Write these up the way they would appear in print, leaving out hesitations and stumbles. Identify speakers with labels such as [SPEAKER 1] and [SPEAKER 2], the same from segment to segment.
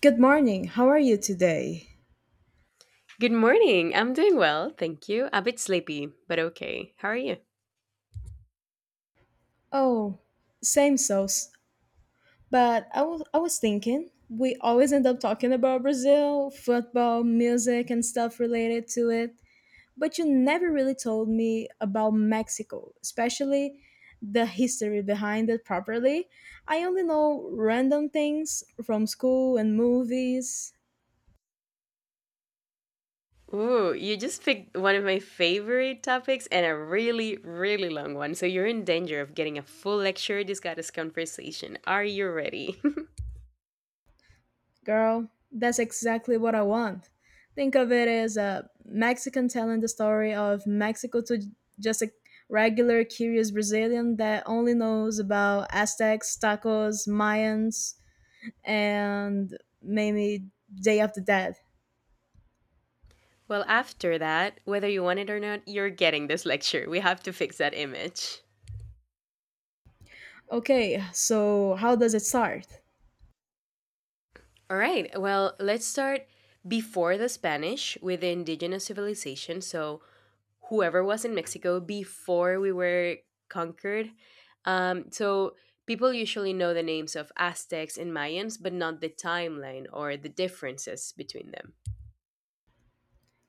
[SPEAKER 1] Good morning. How are you today?
[SPEAKER 2] Good morning. I'm doing well, thank you. A bit sleepy, but okay. How are you?
[SPEAKER 1] Oh, same sauce. But I was thinking, we always end up talking about Brazil, football, music, and stuff related to it. But you never really told me about Mexico, especially the history behind it properly. I only know random things from school and movies.
[SPEAKER 2] Ooh, you just picked one of my favorite topics and a really, really long one. So you're in danger of getting a full lecture discuss conversation. Are you ready?
[SPEAKER 1] Girl, that's exactly what I want. Think of it as a Mexican telling the story of Mexico to just a regular curious Brazilian that only knows about Aztecs, tacos, Mayans, and maybe Day of the Dead.
[SPEAKER 2] Well, after that, whether you want it or not, you're getting this lecture. We have to fix that image.
[SPEAKER 1] Okay, so how does it start?
[SPEAKER 2] All right. Well, let's start before the Spanish with the indigenous civilization. So whoever was in Mexico before we were conquered. So people usually know the names of Aztecs and Mayans, but not the timeline or the differences between them.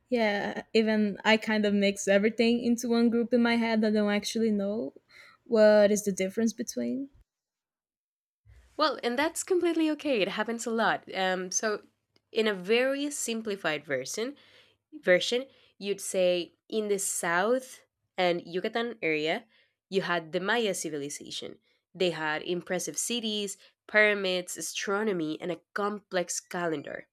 [SPEAKER 1] Yeah, even I kind of mix everything into one group in my head that I don't actually know what is the difference between.
[SPEAKER 2] Well, and that's completely okay. It happens a lot. So in a very simplified version, you'd say in the south and Yucatan area, you had the Maya civilization. They had impressive cities, pyramids, astronomy, and a complex calendar.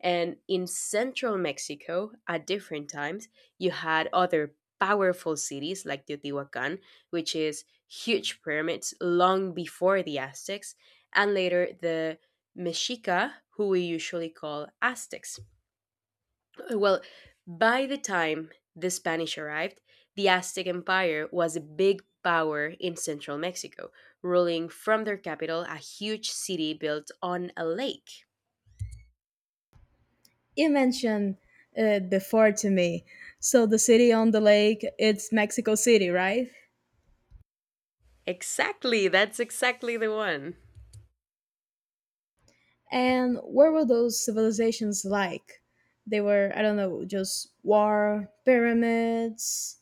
[SPEAKER 2] And in central Mexico, at different times, you had other powerful cities like Teotihuacan, which is huge pyramids long before the Aztecs, and later the Mexica, who we usually call Aztecs. Well, by the time the Spanish arrived, the Aztec Empire was a big power in central Mexico, ruling from their capital a huge city built on a lake.
[SPEAKER 1] You mentioned it before to me. So the city on the lake, it's Mexico City, right?
[SPEAKER 2] Exactly, that's exactly the one.
[SPEAKER 1] And where were those civilizations like? They were, I don't know, just war, pyramids.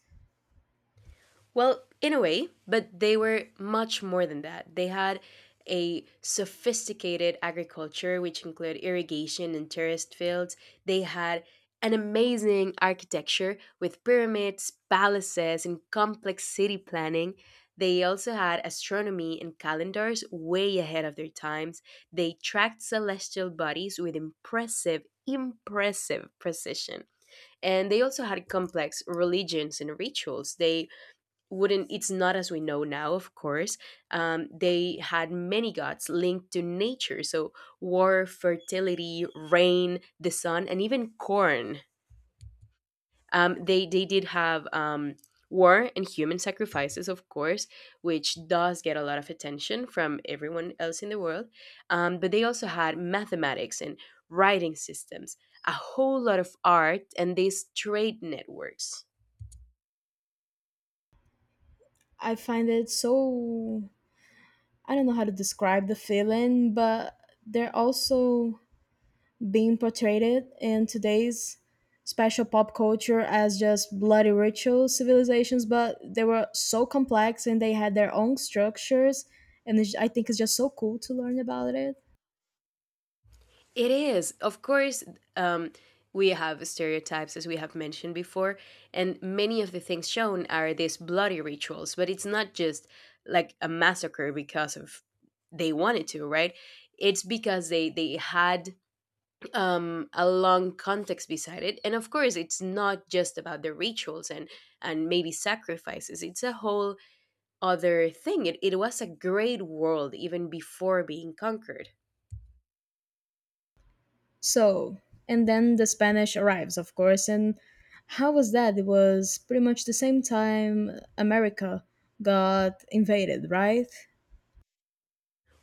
[SPEAKER 2] Well, in a way, but they were much more than that. They had a sophisticated agriculture, which included irrigation and terraced fields. They had an amazing architecture with pyramids, palaces, and complex city planning. They also had astronomy and calendars way ahead of their times. They tracked celestial bodies with impressive precision. And they also had complex religions and rituals. They wouldn't it's not as we know now of course, they had many gods linked to nature, so war, fertility, rain, the sun, and even corn. They did have war and human sacrifices, of course, which does get a lot of attention from everyone else in the world. But they also had mathematics and writing systems, a whole lot of art, and these trade networks.
[SPEAKER 1] I find it so I don't know how to describe the feeling, but they're also being portrayed in today's special pop culture as just bloody ritual civilizations, but they were so complex and they had their own structures. And it's, I think it's just so cool to learn about it.
[SPEAKER 2] It is. Of course, um, we have stereotypes, as we have mentioned before, and many of the things shown are these bloody rituals, but it's not just like a massacre because of they wanted to, right? It's because they had a long context beside it, and of course, it's not just about the rituals and maybe sacrifices. It's a whole other thing. It was a great world even before being conquered.
[SPEAKER 1] So, and then the Spanish arrives, of course. And how was that? It was pretty much the same time America got invaded, right?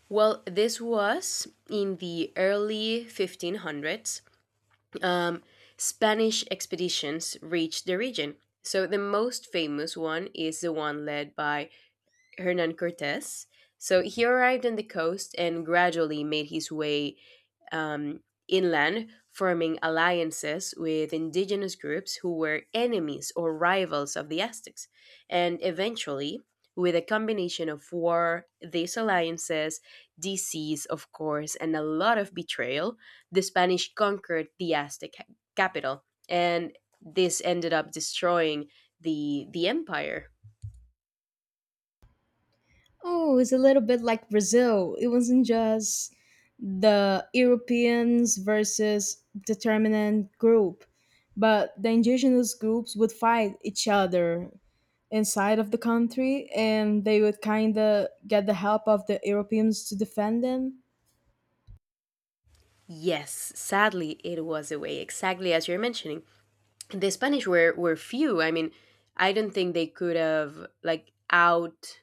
[SPEAKER 2] Well, this was in the early 1500s. Um, Spanish expeditions reached the region. So the most famous one is the one led by Hernan Cortes. So he arrived on the coast and gradually made his way um, inland, forming alliances with indigenous groups who were enemies or rivals of the Aztecs. And eventually, with a combination of war, these alliances, disease, of course, and a lot of betrayal, the Spanish conquered the Aztec capital. And this ended up destroying the empire.
[SPEAKER 1] Oh, it's a little bit like Brazil. It wasn't just the Europeans versus determinant group, but the indigenous groups would fight each other inside of the country and they would kind of get the help of the Europeans to defend them.
[SPEAKER 2] Yes, sadly, it was the way, exactly as you're mentioning. The Spanish were few. I mean, I don't think they could have like out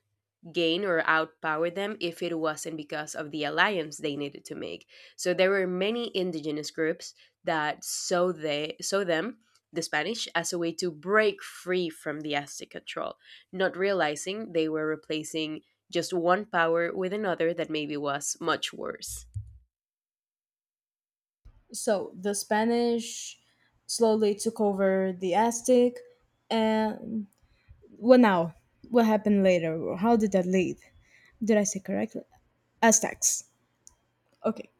[SPEAKER 2] gain or outpower them if it wasn't because of the alliance they needed to make. So there were many indigenous groups that saw they saw them the Spanish as a way to break free from the Aztec control, not realizing they were replacing just one power with another that maybe was much worse.
[SPEAKER 1] So the Spanish slowly took over the Aztec and what now? What happened later? How did that lead? Did I say correctly? Aztecs. Okay.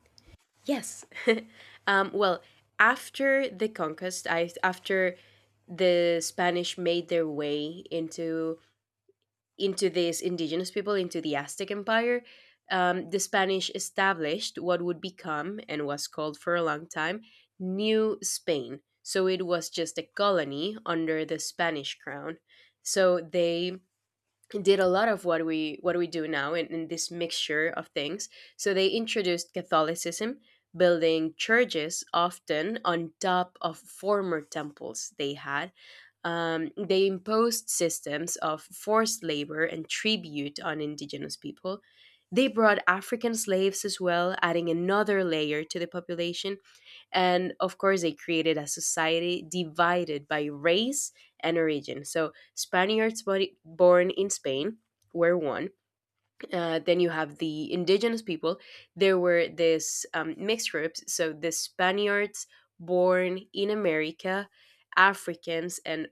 [SPEAKER 2] Yes. Well, after the conquest, I after the Spanish made their way into these indigenous people into the Aztec Empire, the Spanish established what would become and was called for a long time New Spain. So it was just a colony under the Spanish crown. So they did a lot of what we do now in this mixture of things. So they introduced catholicism, building churches often on top of former temples they had. They imposed systems of forced labor and tribute on indigenous people. They brought African slaves as well, adding another layer to the population. And of course, they created a society divided by race and origin. So, Spaniards body- born in Spain were one. Then you have the indigenous people. There were this mixed groups. So, the Spaniards born in America, Africans, and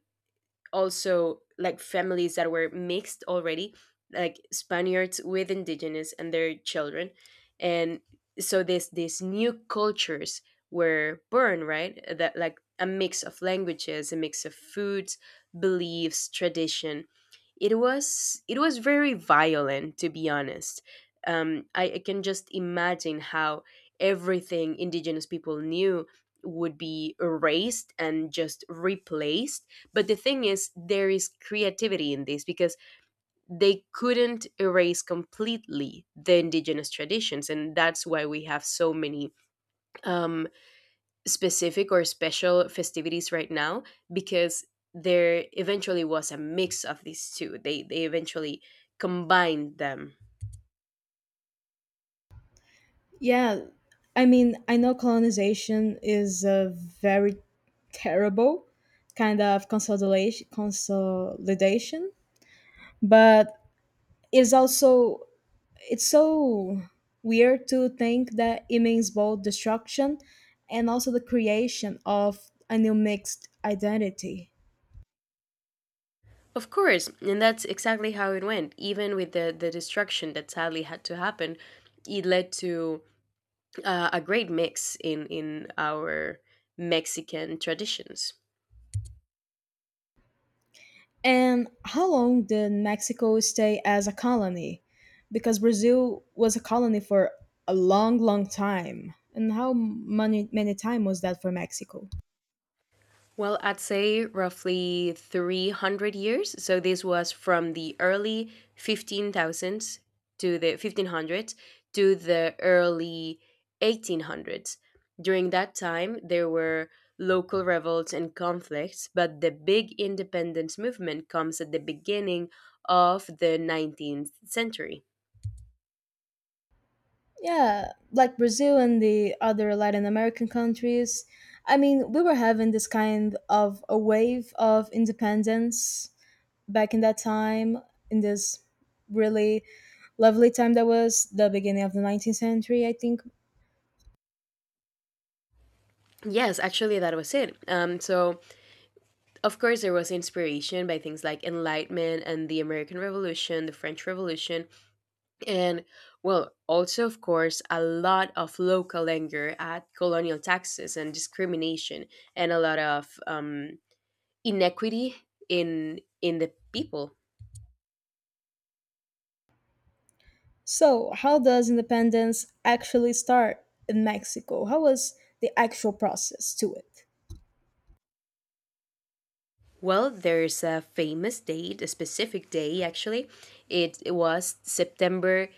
[SPEAKER 2] also like families that were mixed already, like Spaniards with indigenous and their children. And so this these new cultures were born, right? That like a mix of languages, a mix of foods, beliefs, tradition. It was very violent, to be honest. I can just imagine how everything indigenous people knew would be erased and just replaced. But the thing is, there is creativity in this because they couldn't erase completely the indigenous traditions. And that's why we have so many um, specific or special festivities right now because there eventually was a mix of these two. They eventually combined them.
[SPEAKER 1] Yeah, I mean, I know colonization is a very terrible kind of consolidation, consolidation, but it's also it's so weird to think that it means both destruction and also the creation of a new mixed identity.
[SPEAKER 2] Of course, and that's exactly how it went. Even with the destruction that sadly had to happen, it led to a great mix in our Mexican traditions.
[SPEAKER 1] And how long did Mexico stay as a colony? Because Brazil was a colony for a long, long time. And how many many time was that for Mexico?
[SPEAKER 2] Well, I'd say roughly 300 years. So this was from the early 15,000s to the 1500s to the early 1800s. During that time, there were local revolts and conflicts, but the big independence movement comes at the beginning of the 19th century.
[SPEAKER 1] Yeah, like Brazil and the other Latin American countries. I mean, we were having this kind of a wave of independence back in that time in this really lovely time that was the beginning of the 19th century, I think.
[SPEAKER 2] Yes, actually, that was it. Of course, there was inspiration by things like Enlightenment and the American Revolution, the French Revolution, and, well, also, of course, a lot of local anger at colonial taxes and discrimination and a lot of inequity in the people.
[SPEAKER 1] So, how does independence actually start in Mexico? How was the actual process to it?
[SPEAKER 2] Well, there's a famous date, a specific day actually. It was September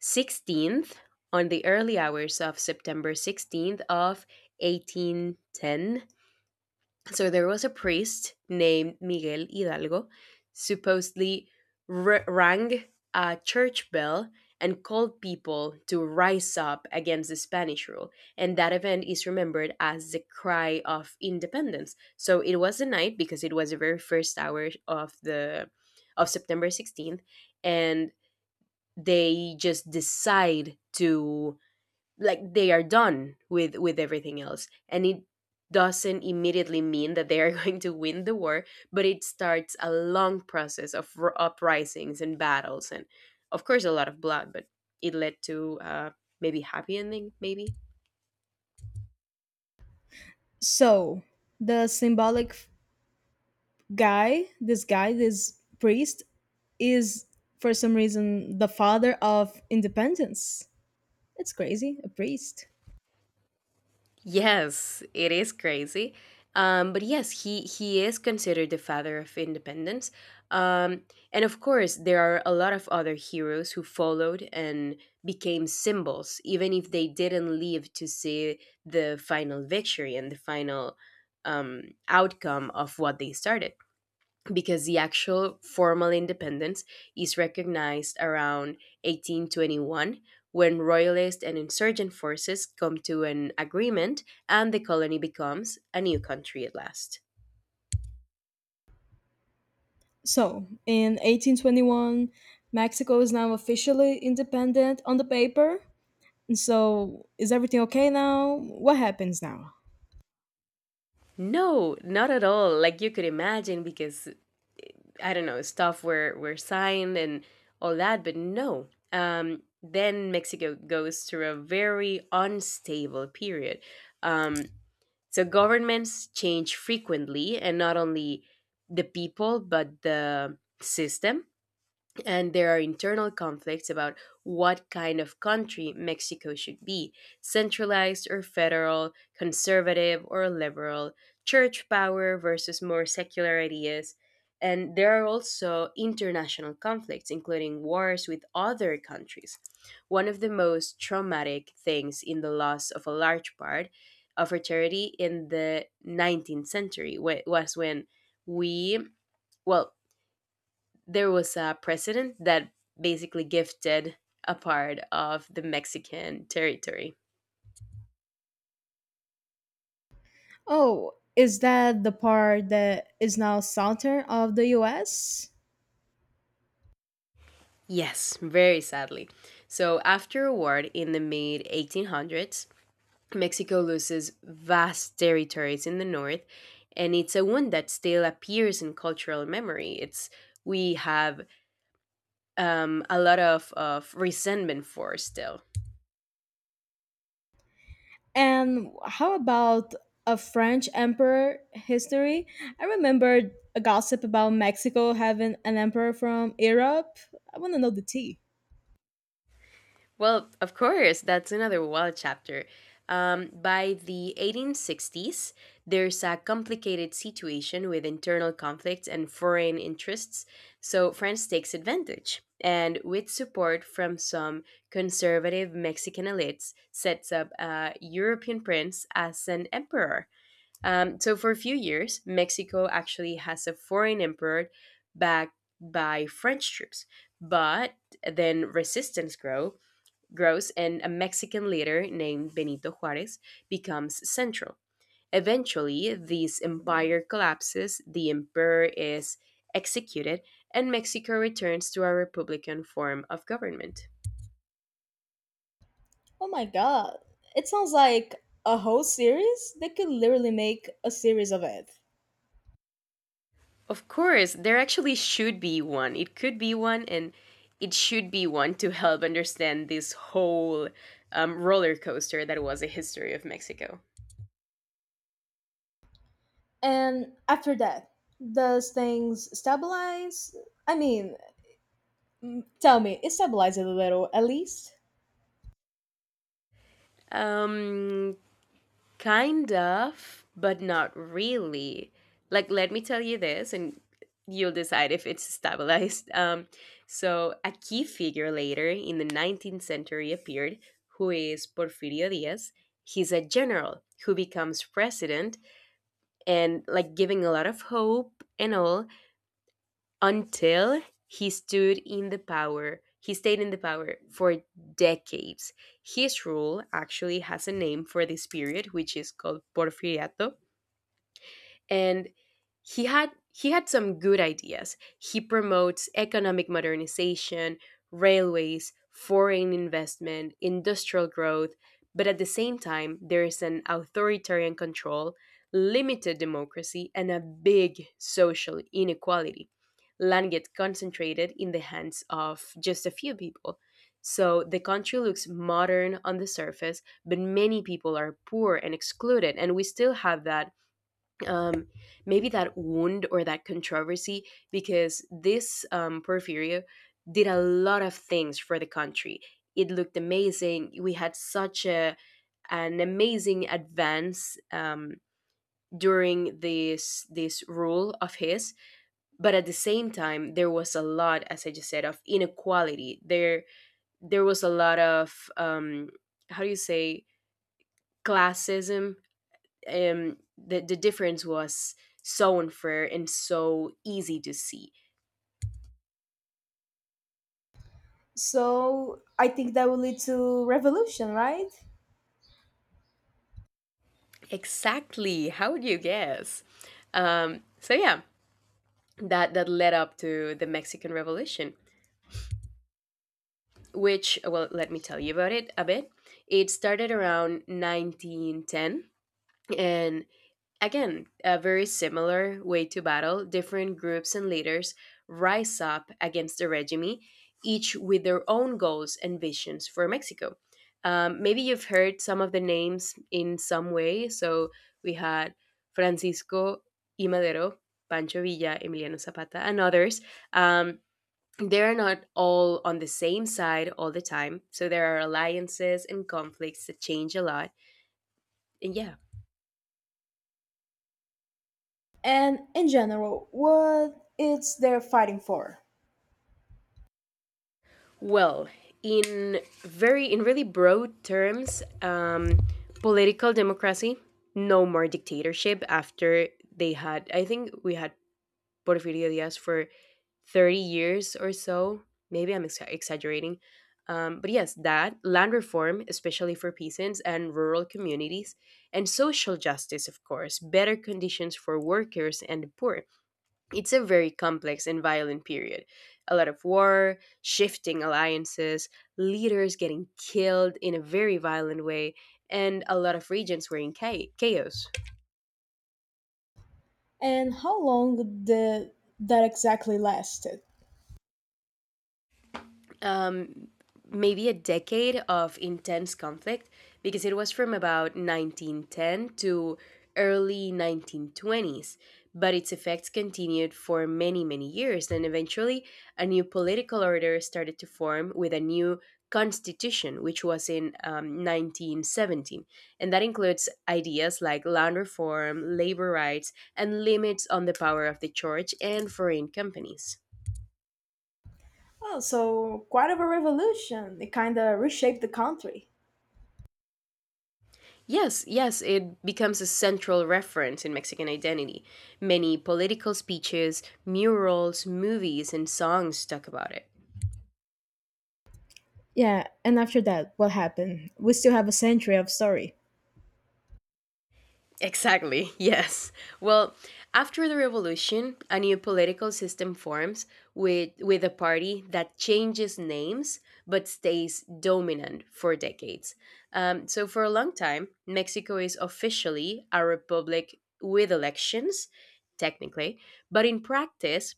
[SPEAKER 2] 16th, on the early hours of September 16th of 1810. So there was a priest named Miguel Hidalgo, supposedly rang a church bell and called people to rise up against the Spanish rule. And that event is remembered as the cry of independence. So it was the night because it was the very first hour of the of September 16th, and they just decide to like they are done with everything else, and it doesn't immediately mean that they are going to win the war, but it starts a long process of uprisings and battles and of course a lot of blood, but it led to maybe happy ending maybe.
[SPEAKER 1] So, the symbolic guy, this priest, is for some reason the father of independence. It's crazy, a priest.
[SPEAKER 2] Yes, it is crazy. But yes, he is considered the father of independence. Um, and of course, there are a lot of other heroes who followed and became symbols, even if they didn't live to see the final victory and the final um, outcome of what they started, because the actual formal independence is recognized around 1821, when royalist and insurgent forces come to an agreement and the colony becomes a new country at last.
[SPEAKER 1] So, in 1821, Mexico is now officially independent on the paper. And so, is everything okay now? What happens now?
[SPEAKER 2] No, not at all. Like you could imagine because I don't know, stuff were signed and all that, but no. Then Mexico goes through a very unstable period. Um So governments change frequently, and not only the people, but the system, and there are internal conflicts about what kind of country Mexico should be, centralized or federal, conservative or liberal, church power versus more secular ideas. And there are also international conflicts, including wars with other countries. One of the most traumatic things in the loss of a large part of our charity in the 19th century was when we, well, there was a president that basically gifted a part of the Mexican territory.
[SPEAKER 1] Oh, is that the part that is now southern of the US?
[SPEAKER 2] Yes, very sadly. So after a war in the mid 1800s, Mexico loses vast territories in the north, and it's a wound that still appears in cultural memory. It's we have a lot of resentment for still.
[SPEAKER 1] And how about a French emperor history? I remembered a gossip about Mexico having an emperor from Europe. I want to know the tea.
[SPEAKER 2] Well, of course, that's another wild chapter. By the 1860s, there's a complicated situation with internal conflicts and foreign interests, so France takes advantage and, with support from some conservative Mexican elites, sets up a European prince as an emperor. So, for a few years, Mexico actually has a foreign emperor backed by French troops, but then resistance grows, and a Mexican leader named Benito Juarez becomes central. Eventually, this empire collapses, the emperor is executed, and Mexico returns to a republican form of government.
[SPEAKER 1] Oh my god. It sounds like a whole series. They could literally make a series of it.
[SPEAKER 2] Of course, there actually should be one. It could be one, and it should be one to help understand this whole roller coaster that was the history of Mexico.
[SPEAKER 1] And after that, does things stabilize? I mean, Tell me, it stabilizes a little at least?
[SPEAKER 2] Um, Kind of, but not really. Like, let me tell you this, and you'll decide if it's stabilized. A key figure later in the 19th century appeared, who is Porfirio Diaz. He's a general who becomes president and, like, giving a lot of hope and all until he stood in the power. He stayed in the power for decades. His rule actually has a name for this period, which is called Porfiriato, and he had some good ideas. He promotes economic modernization, railways, foreign investment, industrial growth, but at the same time there is an authoritarian control, limited democracy and a big social inequality. Land gets concentrated in the hands of just a few people. So the country looks modern on the surface, but many people are poor and excluded. And we still have that, um, maybe that wound or that controversy, because this, Porfirio, did a lot of things for the country. It looked amazing. We had such a an amazing advance during this rule of his, but at the same time, there was a lot, as I just said, of inequality. There was a lot of, how do you say, classism. The difference was so unfair and so easy to see.
[SPEAKER 1] So I think that will lead to revolution, right?
[SPEAKER 2] Exactly. How would you guess? So yeah, that led up to the Mexican Revolution, which, well, let me tell you about it a bit. It started around 1910, and again, a very similar way to battle. Different groups and leaders rise up against the regime, each with their own goals and visions for Mexico. Maybe you've heard some of the names in some way. So we had Francisco I. Madero, Pancho Villa, Emiliano Zapata, and others. Um, they're not all on the same side all the time. So there are alliances and conflicts that change a lot. And yeah,
[SPEAKER 1] And in general, what it's they're fighting for.
[SPEAKER 2] well, in really broad terms, political democracy, no more dictatorship. After they had, I think we had Porfirio Diaz for 30 years or so. Maybe exaggerating, but yes, that land reform, especially for peasants and rural communities, and social justice, of course, better conditions for workers and the poor. It's a very complex and violent period. A lot of war, shifting alliances, leaders getting killed in a very violent way, and a lot of regions were in chaos.
[SPEAKER 1] And how long the that exactly lasted?
[SPEAKER 2] um, Maybe a decade of intense conflict, because it was from about 1910 to early 1920s, but its effects continued for many, many years. And eventually, a new political order started to form with a new constitution, which was in 1917. And that includes ideas like land reform, labor rights, and limits on the power of the church and foreign companies.
[SPEAKER 1] Oh, so quite of a revolution. It kind of reshaped the country.
[SPEAKER 2] Yes, yes, it becomes a central reference in Mexican identity. Many political speeches, murals, movies, and songs talk about it.
[SPEAKER 1] Yeah, and after that, what happened? We still have a century of story.
[SPEAKER 2] Exactly, yes. Well, after the revolution, a new political system forms with a party that changes names but stays dominant for decades. For a long time, Mexico is officially a republic with elections, technically, but in practice,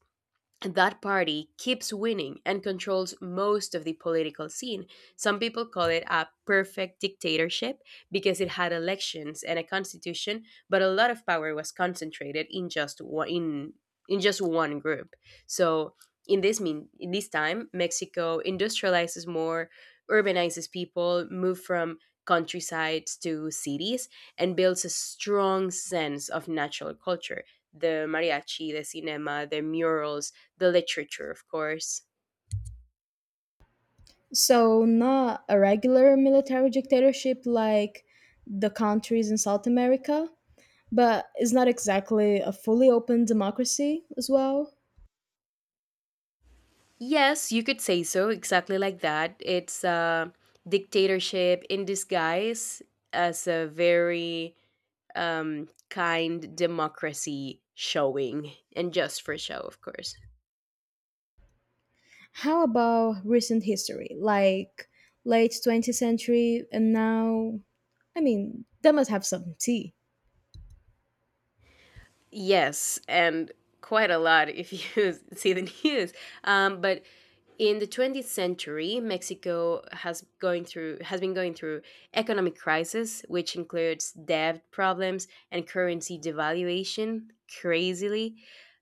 [SPEAKER 2] that party keeps winning and controls most of the political scene. Some people call it a perfect dictatorship because it had elections and a constitution, but a lot of power was concentrated in in just one group. So in this time, Mexico industrializes more, urbanizes people, move from countrysides to cities, and builds a strong sense of natural culture. The mariachi, the cinema, the murals, the literature, of course.
[SPEAKER 1] So not a regular military dictatorship like the countries in South America, but it's not exactly a fully open democracy as well.
[SPEAKER 2] Yes, you could say so, exactly like that. It's a dictatorship in disguise as a very, kind democracy showing, and just for show, of course.
[SPEAKER 1] How about recent history, like late 20th century and now? I mean, that must have some tea.
[SPEAKER 2] Yes, and quite a lot if you see the news. But in the 20th century, Mexico has been going through economic crisis, which includes debt problems and currency devaluation. Crazily,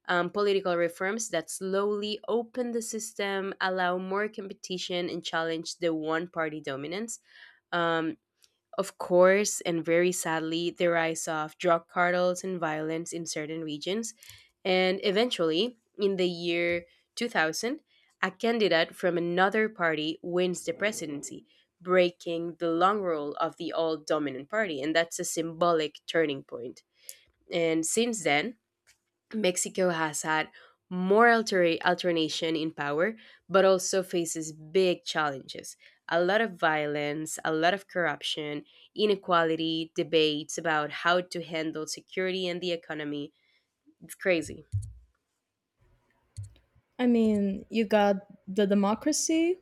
[SPEAKER 2] political reforms that slowly open the system, allow more competition, and challenge the one-party dominance. Um, of course, and very sadly, the rise of drug cartels and violence in certain regions. And eventually, in the year 2000, a candidate from another party wins the presidency, breaking the long rule of the old dominant party. And that's a symbolic turning point. And since then, Mexico has had more alternation in power, but also faces big challenges: a lot of violence, a lot of corruption, inequality, debates about how to handle security and the economy. It's crazy.
[SPEAKER 1] I mean, you got the democracy,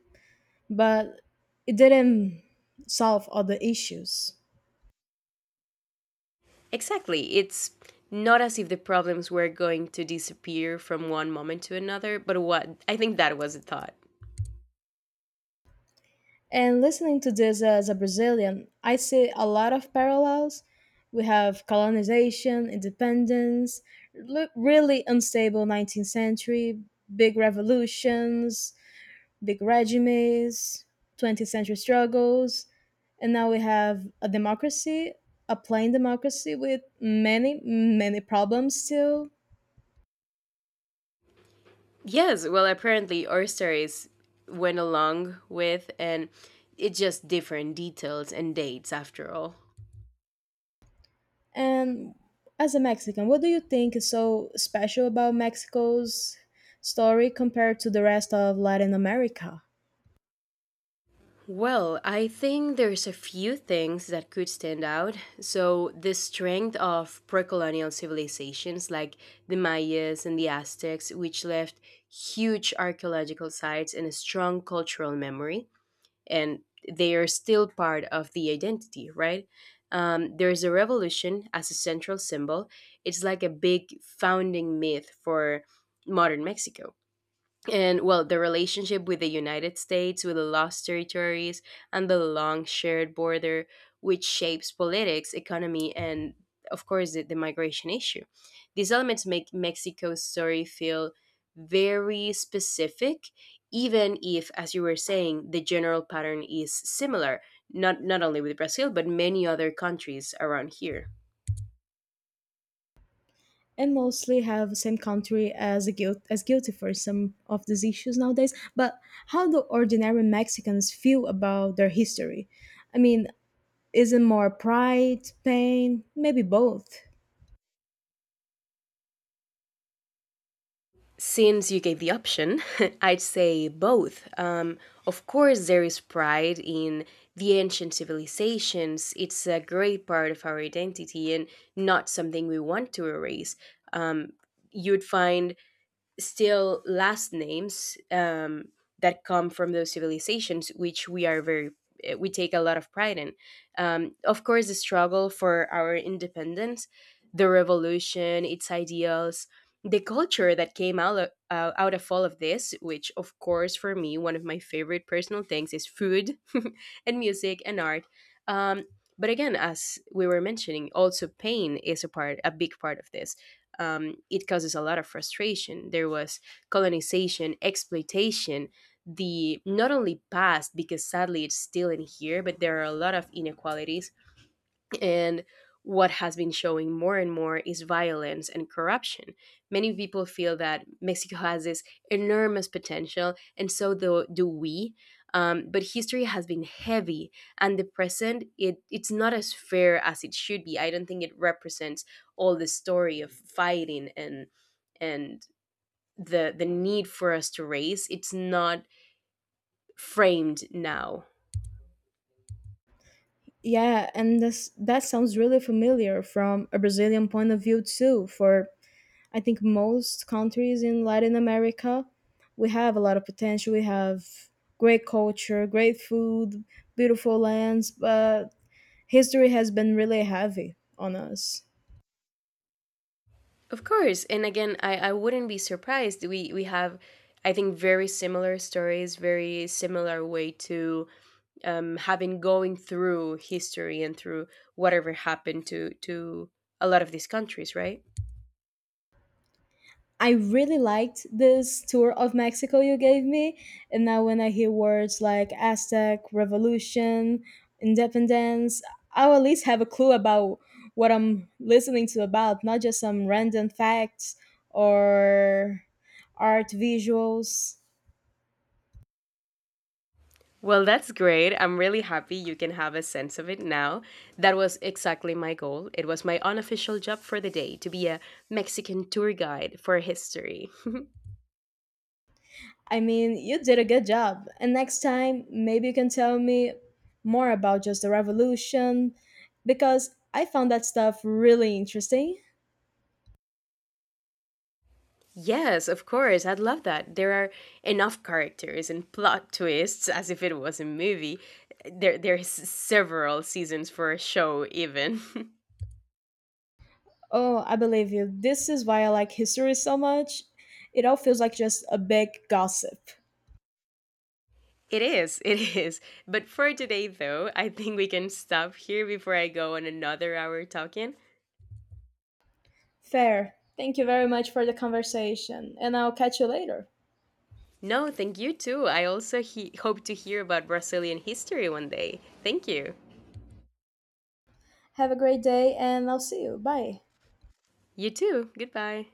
[SPEAKER 1] but it didn't solve all the issues.
[SPEAKER 2] Exactly. It's not as if the problems were going to disappear from one moment to another, but what? I think that was a thought.
[SPEAKER 1] And listening to this as a Brazilian, I see a lot of parallels. We have colonization, independence, really unstable 19th century, big revolutions, big regimes, 20th century struggles, and now we have a democracy, a plain democracy with many, many problems still.
[SPEAKER 2] Yes, well, apparently our stories went along with, and it's just different details and dates after all.
[SPEAKER 1] And as a Mexican, what do you think is so special about Mexico's story compared to the rest of Latin America?
[SPEAKER 2] Well, I think there's a few things that could stand out. So, the strength of pre-colonial civilizations like the Mayas and the Aztecs, which left huge archaeological sites and a strong cultural memory, and they are still part of the identity, right? There's a revolution as a central symbol. It's like a big founding myth for modern Mexico. And, well, the relationship with the United States, with the lost territories and the long shared border, which shapes politics, economy, and of course the migration issue. These elements make Mexico's story feel very specific, even if, as you were saying, the general pattern is similar, not only with Brazil but many other countries around here.
[SPEAKER 1] And mostly have same country as a guilt as guilty for some of these issues nowadays. But how do ordinary Mexicans feel about their history? I mean, is it more pride, pain, maybe both?
[SPEAKER 2] Since you gave the option, I'd say both. Of course, there is pride in the ancient civilizations. It's a great part of our identity and not something we want to erase. Um, You'd find still last names, that come from those civilizations, which we are very, we take a lot of pride in. Of course, the struggle for our independence, the revolution, its ideals, the culture that came out of all of this. Which, of course, for me, one of my favorite personal things is food, and music and art. Um, but again, as we were mentioning, also pain is a big part of this. It causes a lot of frustration. There was colonization, exploitation, the not only past, because sadly it's still in here, but there are a lot of inequalities, and what has been showing more and more is violence and corruption. Many people feel that Mexico has this enormous potential, and so do we. But history has been heavy, and the present, it's not as fair as it should be. I don't think it represents all the story of fighting, and the need for us to race. It's not framed now.
[SPEAKER 1] Yeah, and this, that sounds really familiar from a Brazilian point of view too. For I think most countries in Latin America, we have a lot of potential. We have great culture, great food, beautiful lands, but history has been really heavy on us.
[SPEAKER 2] Of course. And again, I wouldn't be surprised. We have, I think, very similar stories, very similar way to, having going through history, and through whatever happened to a lot of these countries, right?
[SPEAKER 1] I really liked this tour of Mexico you gave me. And now when I hear words like Aztec, revolution, independence, I'll at least have a clue about what I'm listening to about, not just some random facts or art visuals.
[SPEAKER 2] Well, that's great. I'm really happy you can have a sense of it now. That was exactly my goal. It was my unofficial job for the day to be a Mexican tour guide for history.
[SPEAKER 1] I mean, you did a good job. And next time, maybe you can tell me more about just the revolution because I found that stuff really interesting.
[SPEAKER 2] Yes, of course. I'd love that. There are enough characters and plot twists as if it was a movie. There's several seasons for a show even.
[SPEAKER 1] Oh, I believe you. This is why I like history so much. It all feels like just a big gossip.
[SPEAKER 2] It is. It is. But for today though, I think we can stop here before I go on another hour talking.
[SPEAKER 1] Fair. Thank you very much for the conversation, and I'll catch you later.
[SPEAKER 2] No, thank you too. I also hope to hear about Brazilian history one day. Thank you.
[SPEAKER 1] Have a great day, and I'll see you. Bye.
[SPEAKER 2] You too. Goodbye.